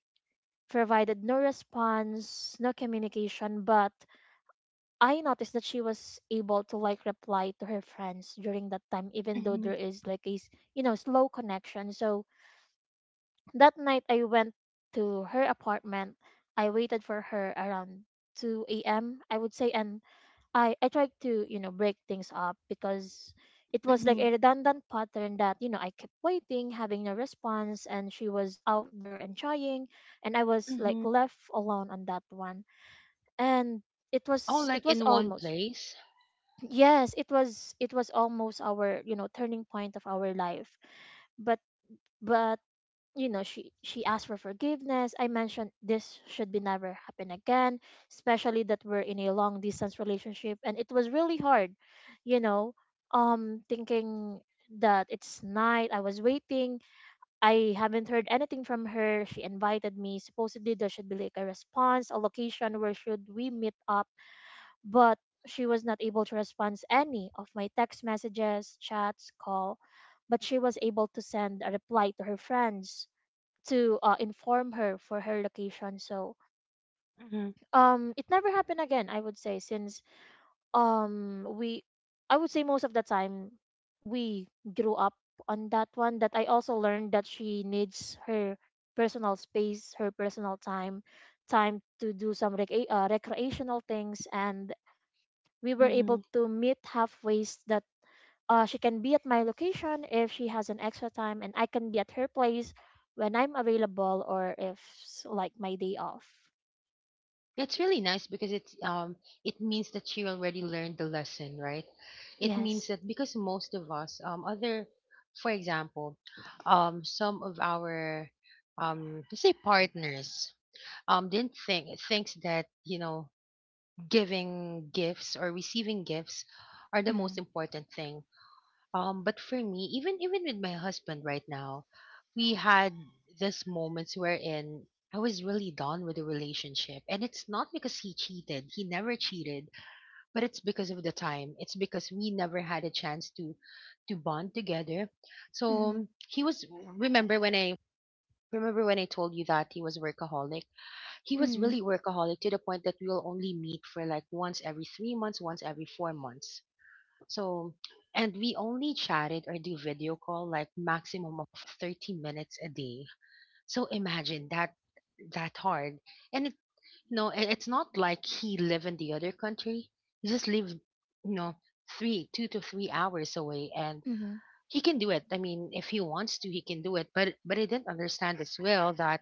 Speaker 2: provided no response, no communication, but I noticed that she was able to like reply to her friends during that time, even though
Speaker 1: Mm-hmm.
Speaker 2: there is like a slow connection. So that night I went to her apartment. I waited for her around 2 a.m. I would say, and I tried to break things up, because it was like
Speaker 1: Mm-hmm.
Speaker 2: a redundant pattern, that I kept waiting, having no response, and she was out there and trying, and I was like
Speaker 1: Mm-hmm.
Speaker 2: left alone on that one, and it
Speaker 1: All
Speaker 2: was, it
Speaker 1: like
Speaker 2: was
Speaker 1: in one
Speaker 2: almost.
Speaker 1: place.
Speaker 2: Yes, it was, it was almost our turning point of our life. but but she asked for forgiveness. I mentioned this should be never happen again, especially that we're in a long distance relationship, and it was really hard. you know Thinking that it's night, I was waiting, I haven't heard anything from her. She invited me, supposedly there should be like a response, a location where should we meet up. But she was not able to respond any of my text messages, chats, call. But she was able to send a reply to her friends, to inform her for her location. So
Speaker 1: Mm-hmm.
Speaker 2: it never happened again. I would say since um we, I would say most of the time we grew up on that one. That I also learned that she needs her personal space, her personal time, time to do some recreational things, and we were
Speaker 1: Mm-hmm.
Speaker 2: able to meet halfways that she can be at my location if she has an extra time, and I can be at her place when I'm available or if like my day off.
Speaker 1: It's really nice because it's, it means that she already learned the lesson, right? It means
Speaker 2: Yes.
Speaker 1: that because most of us other for example, some of our let's say partners didn't think thinks that, you know, giving gifts or receiving gifts are the
Speaker 2: Mm.
Speaker 1: most important thing. But for me, even with my husband right now, we had this moments wherein I was really done with the relationship. And it's not because he cheated. He never cheated, but it's because of the time. It's because we never had a chance to bond together. So
Speaker 2: Mhm.
Speaker 1: he was remember when I remember when I told you that he was workaholic. He was
Speaker 2: Mhm.
Speaker 1: really workaholic to the point that we will only meet for like once every 3 months, once every 4 months. So, and we only chatted or do video call like maximum of 30 minutes a day. So imagine that that hard. And it you know, it's not like he live in the other country. He just live, you know, three two to 3 hours away and
Speaker 2: Mhm.
Speaker 1: he can do it. I mean, if he wants to, he can do it. But I didn't understand as well that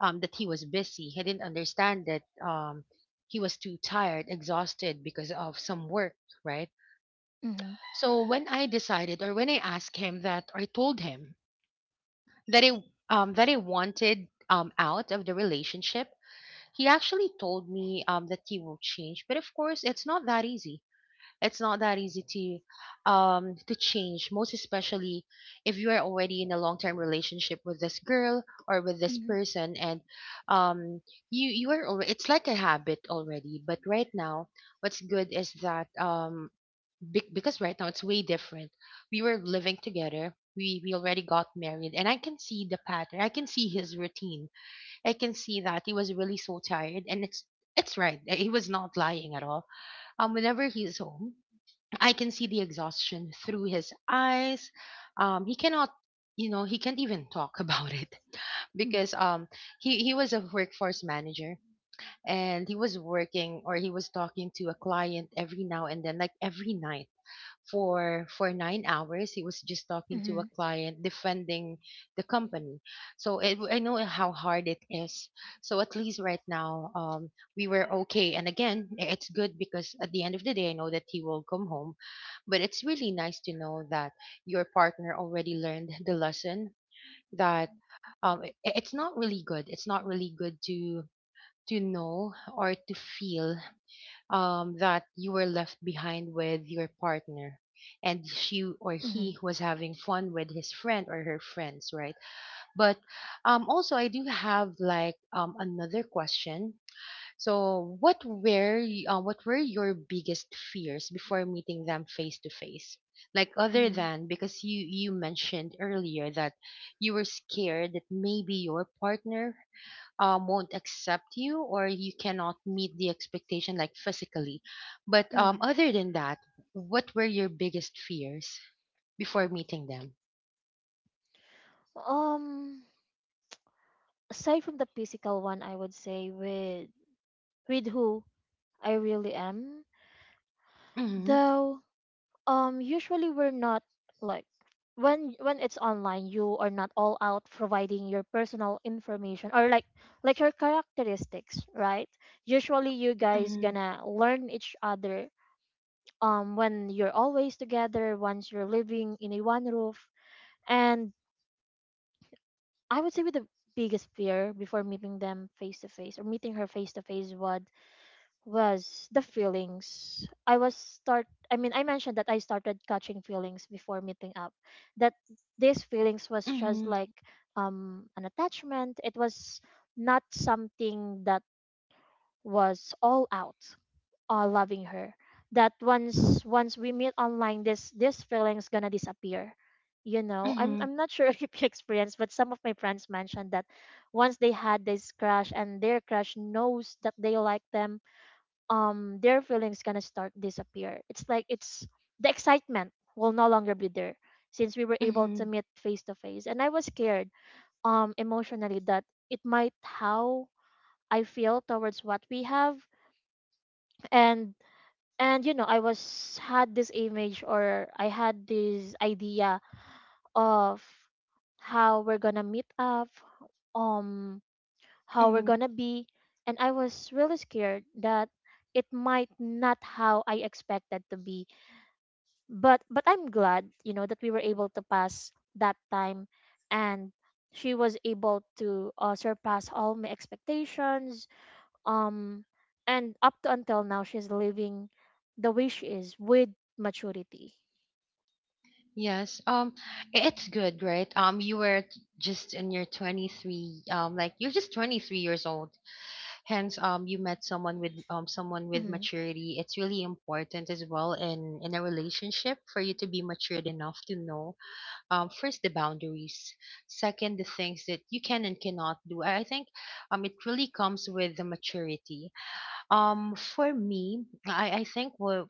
Speaker 1: that he was busy. He didn't understand that he was too tired, exhausted because of some work, right?
Speaker 2: Mhm.
Speaker 1: So when I asked him that, or I told him that I that I wanted out of the relationship, he actually told me that he will change. But of course, it's not that easy. It's not that easy to change, most especially if you are already in a long term relationship with this girl or with this
Speaker 2: Mhm.
Speaker 1: person, and um, you are already. It's like a habit already. But right now, what's good is that because right now it's way different. We were living together. We already got married, and I can see the pattern. I can see his routine. I can see that he was really so tired, and it's right. He was not lying at all. Whenever he's home, I can see the exhaustion through his eyes. He cannot, you know, he can't even talk about it
Speaker 2: Mhm.
Speaker 1: because he was a workforce manager and he was working or he was talking to a client every now and then, like every night for 9 hours. He was just talking to a
Speaker 2: Mhm.
Speaker 1: client, defending the company. So I know how hard it is. So at least right now, we were okay. And again, it's good because at the end of the day, I know that he will come home. But it's really nice to know that your partner already learned the lesson that it's not really good. It's not really good to know or to feel that you were left behind with your partner and she or he
Speaker 2: Mhm.
Speaker 1: was having fun with his friend or her friends, right? But also I do have like another question. So what were your biggest fears before meeting them face to face, like other
Speaker 2: Mhm.
Speaker 1: than, because you mentioned earlier that you were scared that maybe your partner won't accept you or you cannot meet the expectation like physically, but
Speaker 2: Mhm.
Speaker 1: other than that, what were your biggest fears before meeting them?
Speaker 2: Um, Aside from the physical one, I would say with who I really am,
Speaker 1: Mm-hmm,
Speaker 2: though usually we're not like when it's online. You are not all out providing your personal information or like your characteristics, right? Usually you guys
Speaker 1: mm-hmm,
Speaker 2: gonna learn each other when you're always together, once you're living in a one roof. And I would say with the biggest fear before meeting them face to face, or meeting her face to face, was the feelings. I was start, I mentioned that I started catching feelings before meeting up. That these feelings was just
Speaker 1: mm-hmm,
Speaker 2: like an attachment. It was not something that was all out loving her. That once we meet online, this feelings gonna disappear. I'm
Speaker 1: mm-hmm,
Speaker 2: not sure if you experienced, but some of my friends mentioned that once they had this crush and their crush knows that they like them, their feelings gonna start disappear. It's like it's the excitement will no longer be there since we were able
Speaker 1: mm-hmm,
Speaker 2: to meet face to face. And I was scared emotionally that it might how I feel towards what we have. And I was, had this image, or I had this idea of how we're gonna meet up, um how we're
Speaker 1: mm-hmm.
Speaker 2: gonna be, and I was really scared that it might not how I expected to be. But I'm glad, that we were able to pass that time, and she was able to surpass all my expectations. Um and up to until now she's living the way she is with maturity.
Speaker 1: Yes. It's good, right? You were just in your 23, like you're just 23 years old, hence you met someone with
Speaker 2: Mm-hmm.
Speaker 1: maturity. It's really important as well in a relationship for you to be matured enough to know, first the boundaries, second the things that you can and cannot do. I think it really comes with the maturity. For me, I think what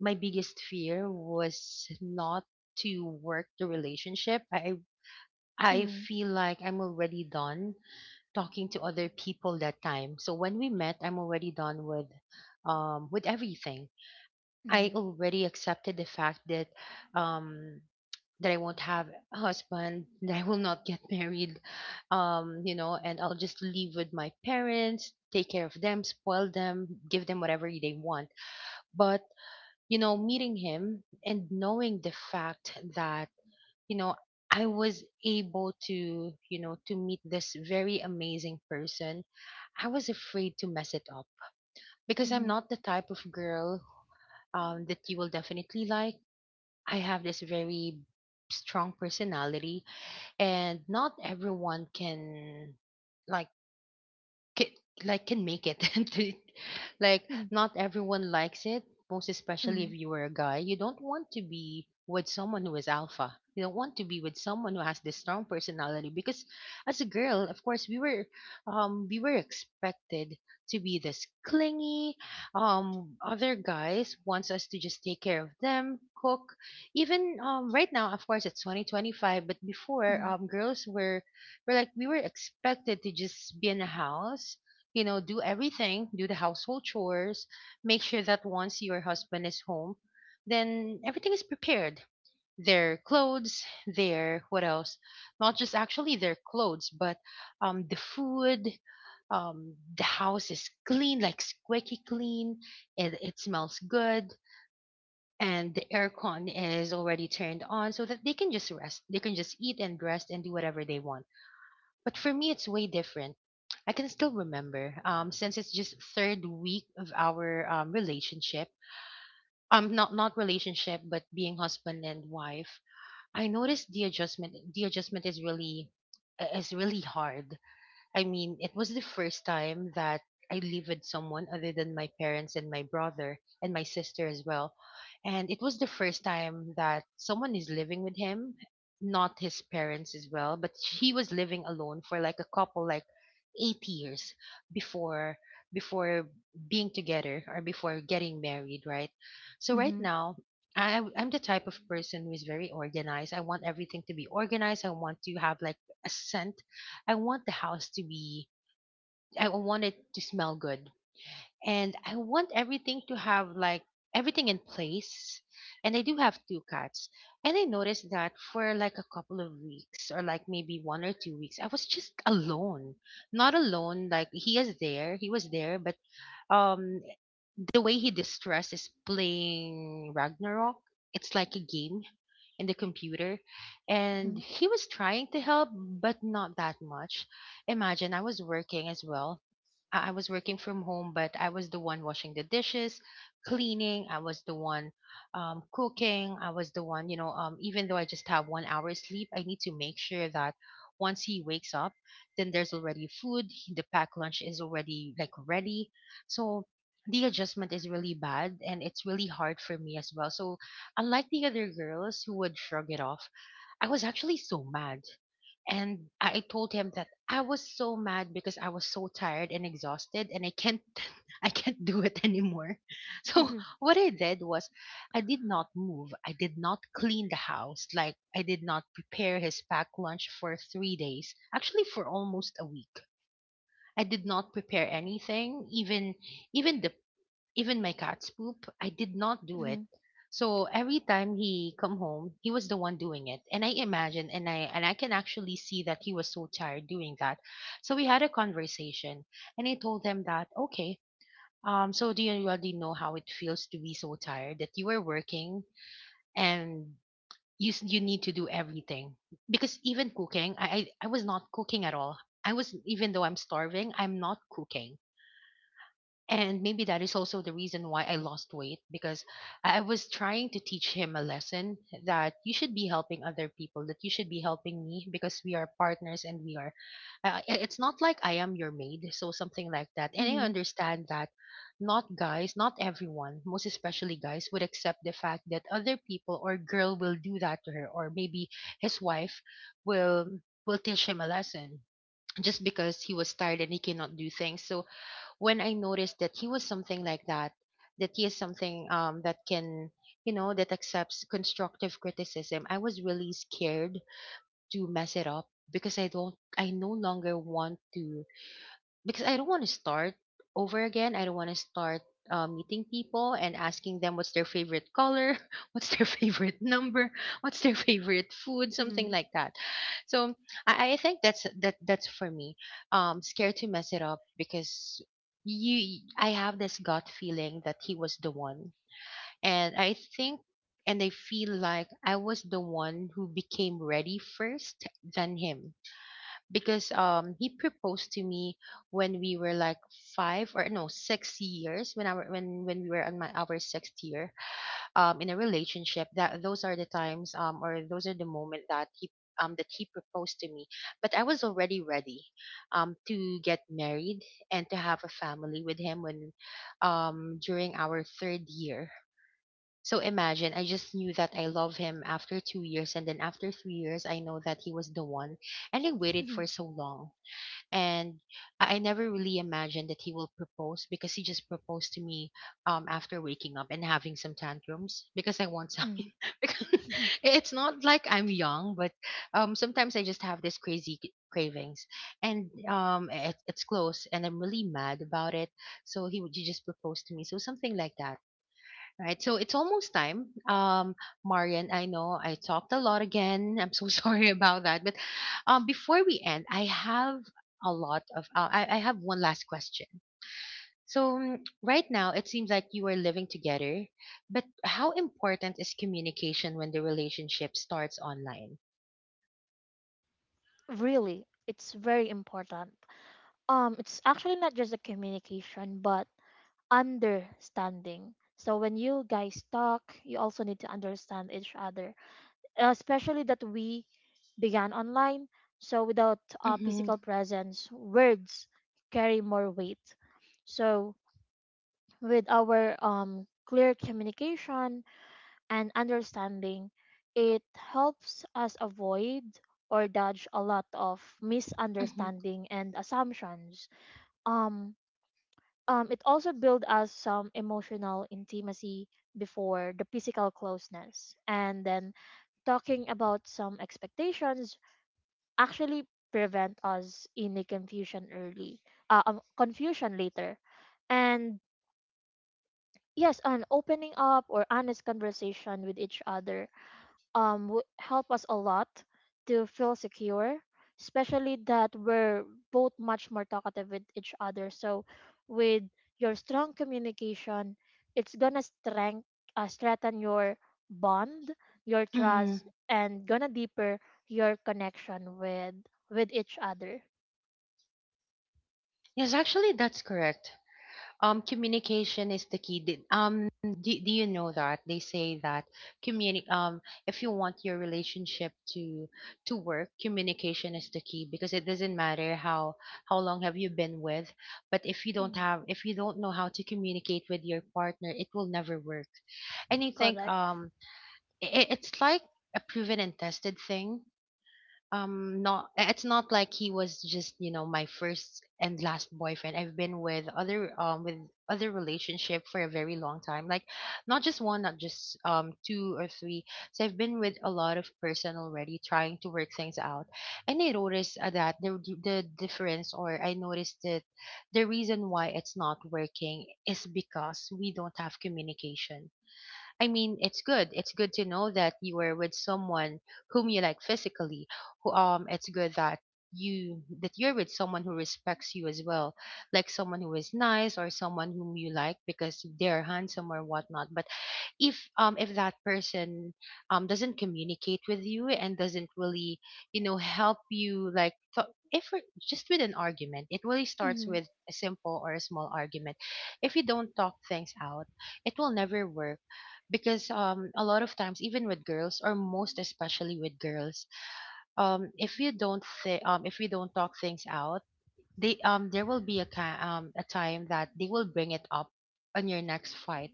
Speaker 1: my biggest fear was not to work the relationship. I
Speaker 2: Mm-hmm.
Speaker 1: feel like I'm already done talking to other people that time, so when we met I'm already done with everything. I already accepted the fact that um that I won't have a husband, that I will not get married, you know, and I'll just live with my parents, take care of them, spoil them, give them whatever they want. But, you know, meeting him and knowing the fact that, you know, I was able to, you know, to meet this very amazing person, I was afraid to mess it up because I'm
Speaker 2: Mm-hmm.
Speaker 1: not the type of girl that you will definitely like. I have this very strong personality, and not everyone can like can, like can make it to- like
Speaker 2: Mm-hmm.
Speaker 1: not everyone likes it, most especially
Speaker 2: Mm-hmm.
Speaker 1: if you were a guy. You don't want to be with someone who is alpha. You don't want to be with someone who has this strong personality, because as a girl, of course, we were expected to be this clingy. Other guys wants us to just take care of them, cook, even right now, of course, it's 2025, but before,
Speaker 2: Mm-hmm.
Speaker 1: girls were we're like we were expected to just be in the house, you know, do everything, do the household chores, make sure that once your husband is home, then everything is prepared. Their clothes, their what else? Not just actually their clothes, but the food, the house is clean, like squeaky clean, and it smells good, and the aircon is already turned on so that they can just rest. They can just eat and rest and do whatever they want. But for me, it's way different. I can still remember, since it's just third week of our relationship. Not relationship, but being husband and wife. I noticed the adjustment. The adjustment is really hard. I mean, it was the first time that I lived with someone other than my parents and my brother and my sister as well. And it was the first time that someone is living with him, not his parents as well, but he was living alone for like a couple, like 8 years before before being together or before getting married, right? So right
Speaker 2: Mm-hmm.
Speaker 1: now, I'm the type of person who is very organized. I want everything to be organized. I want to have like a scent. I want the house to be, I want it to smell good. And I want everything to have like everything in place. And I do have two cats. And I noticed that for like a couple of weeks or like maybe 1 or 2 weeks, I was just alone. Not alone, like he was there, but um the way he distresses playing Ragnarok, it's like a game in the computer. And
Speaker 2: Mm-hmm.
Speaker 1: he was trying to help, but not that much. Imagine I was working as well. I was working from home, but I was the one washing the dishes, cleaning. I was the one cooking. I was the one, you know, even though I just have 1 hour sleep, I need to make sure that once he wakes up, then there's already food. The packed lunch is already like ready. So the adjustment is really bad, and it's really hard for me as well. So, unlike the other girls who would shrug it off, I was actually so mad. And I told him that I was so mad because I was so tired and exhausted and I can't I can't do it anymore. So,
Speaker 2: Mm-hmm.
Speaker 1: what I did was I did not move. I did not clean the house. Like I did not prepare his packed lunch for 3 days. Actually for almost a week. I did not prepare anything, even even the even my cat's poop, I did not do
Speaker 2: Mm-hmm.
Speaker 1: it.
Speaker 2: Mm-hmm.
Speaker 1: So every time he come home, he was the one doing it. And I imagine and I can actually see that he was so tired doing that. So we had a conversation and I told him that, okay, so do you already know how it feels to be so tired that you are working and you need to do everything, because even cooking, I was not cooking at all. I was, even though I'm starving, I'm not cooking. And maybe that is also the reason why I lost weight, because I was trying to teach him a lesson that you should be helping other people, that you should be helping me because we are partners and we are. It's not like I am your maid, so something like that. And I
Speaker 2: Mm-hmm,
Speaker 1: understand that not guys, not everyone, most especially guys, would accept the fact that other people or girl will do that to her, or maybe his wife will teach him a lesson just because he was tired and he cannot do things. So when I noticed that he was something like that, that he is something that can, that accepts constructive criticism, I was really scared to mess it up because I no longer want to, because I don't want to start over again. I don't want to start meeting people and asking them what's their favorite color, what's their favorite number, what's their favorite food, something like that. So I think that's for me. Scared to mess it up because you I have this gut feeling that he was the one, and I think. And I feel like I was the one who became ready first than him because he proposed to me when we were like five or no 6 years, when our when we were on my our sixth year in a relationship. That those are the times, or those are the moment that he proposed to me, but I was already ready to get married and to have a family with him when, during our third year. So imagine, I just knew that I love him after 2 years, and then after 3 years I know that he was the one, and I waited
Speaker 2: mm-hmm,
Speaker 1: for so long. And I never really imagined that he will propose, because he just proposed to me after waking up and having some tantrums because I want some,
Speaker 2: mm-hmm,
Speaker 1: because it's not like I'm young, but sometimes I just have this crazy cravings, and it's close and I'm really mad about it. So he just proposed to me, so something like that. Right. So it's almost time. Marian, I know I talked a lot again. I'm so sorry about that. But before we end, I have I have one last question. So, right now, it seems like you are living together, but how important is communication when the relationship starts online?
Speaker 2: really it's very important. It's actually not just a communication but understanding. So when you guys talk, you also need to understand each other, especially that we began online. So without
Speaker 1: Mm-hmm.
Speaker 2: physical presence, words carry more weight. So with our clear communication and understanding, it helps us avoid or dodge a lot of
Speaker 1: Mm-hmm.
Speaker 2: misunderstanding and assumptions. Um, it also builds us some emotional intimacy before the physical closeness. And then talking about some expectations actually prevent us in a confusion early, confusion later. And yes, an opening up or honest conversation with each other help us a lot to feel secure, especially that we're both much more talkative with each other. So with your strong communication, it's gonna strengthen your bond, your trust,
Speaker 1: Mm-hmm.
Speaker 2: and gonna deeper your connection with each other.
Speaker 1: Yes, actually, that's correct. Communication is the key. Do you know that they say that communi- um, if you want your relationship to work, communication is the key? Because it doesn't matter how long have you been with, but if you don't
Speaker 2: Mm,
Speaker 1: have, if you don't know how to communicate with your partner, it will never work. And you think,
Speaker 2: correct.
Speaker 1: it, it's like a proven and tested thing. Not it's not like he was just, you know, my first and last boyfriend. I've been with other, with other relationship for a very long time, like not just one, not just two or three. So I've been with a lot of person already trying to work things out. And I noticed, that the difference, or I noticed that the reason why it's not working is because we don't have communication. I mean, it's good. It's good to know that you were with someone whom you like physically. Who, it's good that you that you're with someone who respects you as well, like someone who is nice, or someone whom you like because they're handsome or whatnot. But if, if that person doesn't communicate with you and doesn't really, you know, help you, like if we're- just with an argument, it really starts
Speaker 2: Mm-hmm.
Speaker 1: with a simple or a small argument. If you don't talk things out, it will never work. Because a lot of times, even with girls, or most especially with girls, if you don't say, if you don't talk things out, they, there will be a a time that they will bring it up on your next fight.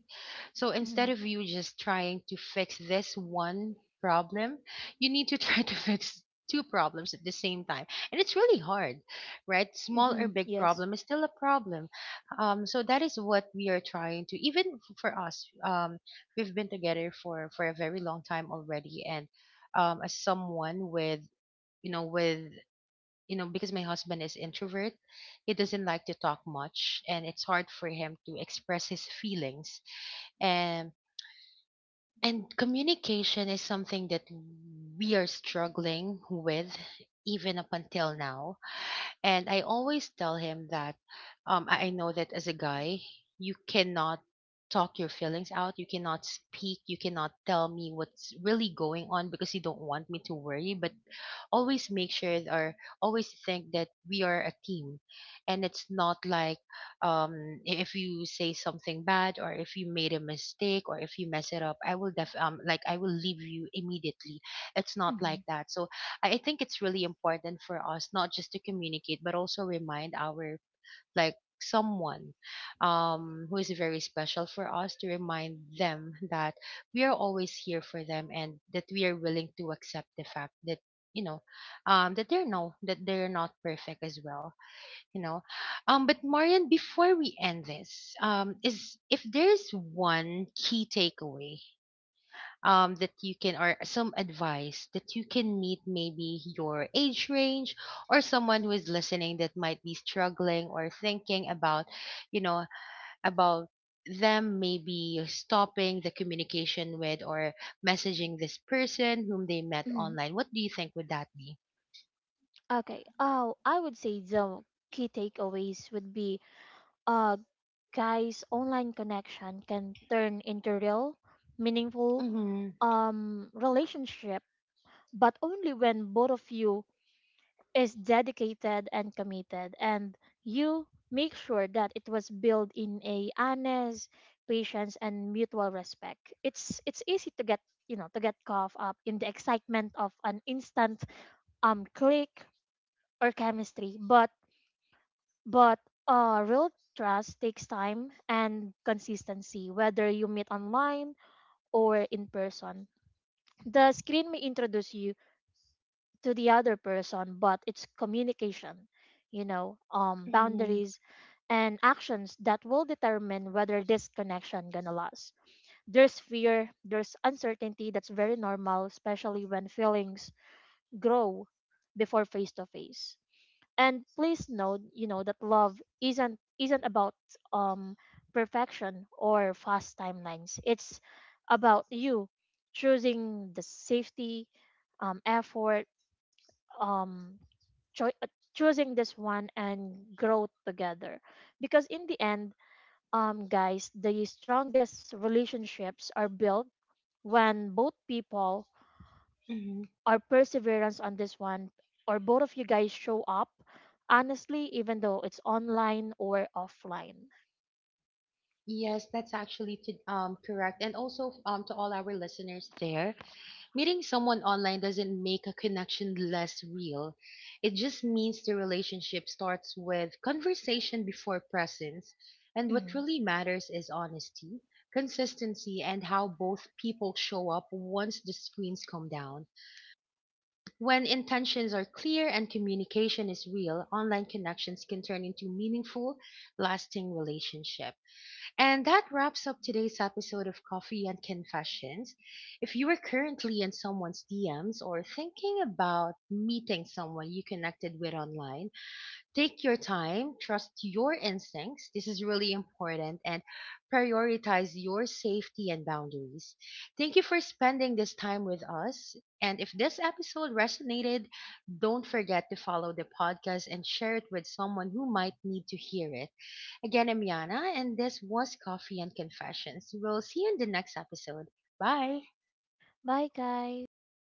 Speaker 1: So
Speaker 2: Mm-hmm.
Speaker 1: instead of you just trying to fix this one problem, you need to try to fix two problems at the same time. And it's really hard, right? Small or
Speaker 2: Mm-hmm.
Speaker 1: big
Speaker 2: Yes.
Speaker 1: problem is still a problem. So that is what we are trying to, even for us, we've been together for a very long time already. And as someone with, you know, with, you know, because my husband is introvert, he doesn't like to talk much and it's hard for him to express his feelings. And and communication is something that we are struggling with even up until now. And I always tell him that, I know that as a guy, you cannot talk your feelings out. You cannot speak. You cannot tell me what's really going on because you don't want me to worry. But always make sure, or always think that we are a team. And it's not like, if you say something bad, or if you made a mistake, or if you mess it up, I will like, I will leave you immediately. It's not
Speaker 2: Mm-hmm.
Speaker 1: like that. So I think it's really important for us not just to communicate, but also remind our, like, someone who is very special for us, to remind them that we are always here for them, and that we are willing to accept the fact that, you know, that they're no that they're not perfect as well, you know. But Marian, before we end this, is if there's one key takeaway, that you can, or some advice that you can meet, maybe your age range, or someone who is listening that might be struggling or thinking about, you know, about them maybe stopping the communication with, or messaging this person whom they met
Speaker 2: Mm-hmm.
Speaker 1: online, what do you think would that be?
Speaker 2: Okay, oh, I would say the key takeaways would be, uh guys, online connection can turn into real, meaningful
Speaker 1: Mm-hmm.
Speaker 2: relationship, but only when both of you is dedicated and committed, and you make sure that it was built in a honest patience and mutual respect. It's easy to get, to get caught up in the excitement of an instant click or chemistry. But real trust takes time and consistency, whether you meet online or in person. The screen may introduce you to the other person, but it's communication,
Speaker 1: Mm-hmm.
Speaker 2: boundaries and actions that will determine whether this connection gonna last. There's fear, there's uncertainty, that's very normal, especially when feelings grow before face to face. And please note that love isn't about um perfection or fast timelines. It's about you choosing the safety, effort, um choosing this one, and growth together. Because in the end, guys, the strongest relationships are built when both people
Speaker 1: Mm-hmm.
Speaker 2: or perseverance on this one, or both of you guys show up honestly, even though it's online or offline.
Speaker 1: Yes, that's actually to, correct. And also, to all our listeners there, meeting someone online doesn't make a connection less real. It just means the relationship starts with conversation before presence. And what
Speaker 2: Mhm.
Speaker 1: really matters is honesty, consistency, and how both people show up once the screens come down. When intentions are clear and communication is real, online connections can turn into meaningful, lasting relationships. And that wraps up today's episode of Coffee and Confessions. If you are currently in someone's DMs or thinking about meeting someone you connected with online, take your time, trust your instincts. This is really important, and prioritize your safety and boundaries. Thank you for spending this time with us. And if this episode resonated, don't forget to follow the podcast and share it with someone who might need to hear it. Again, I'm Yana, and this was Coffee and Confessions. We'll see you in the next episode. Bye.
Speaker 2: Bye guys.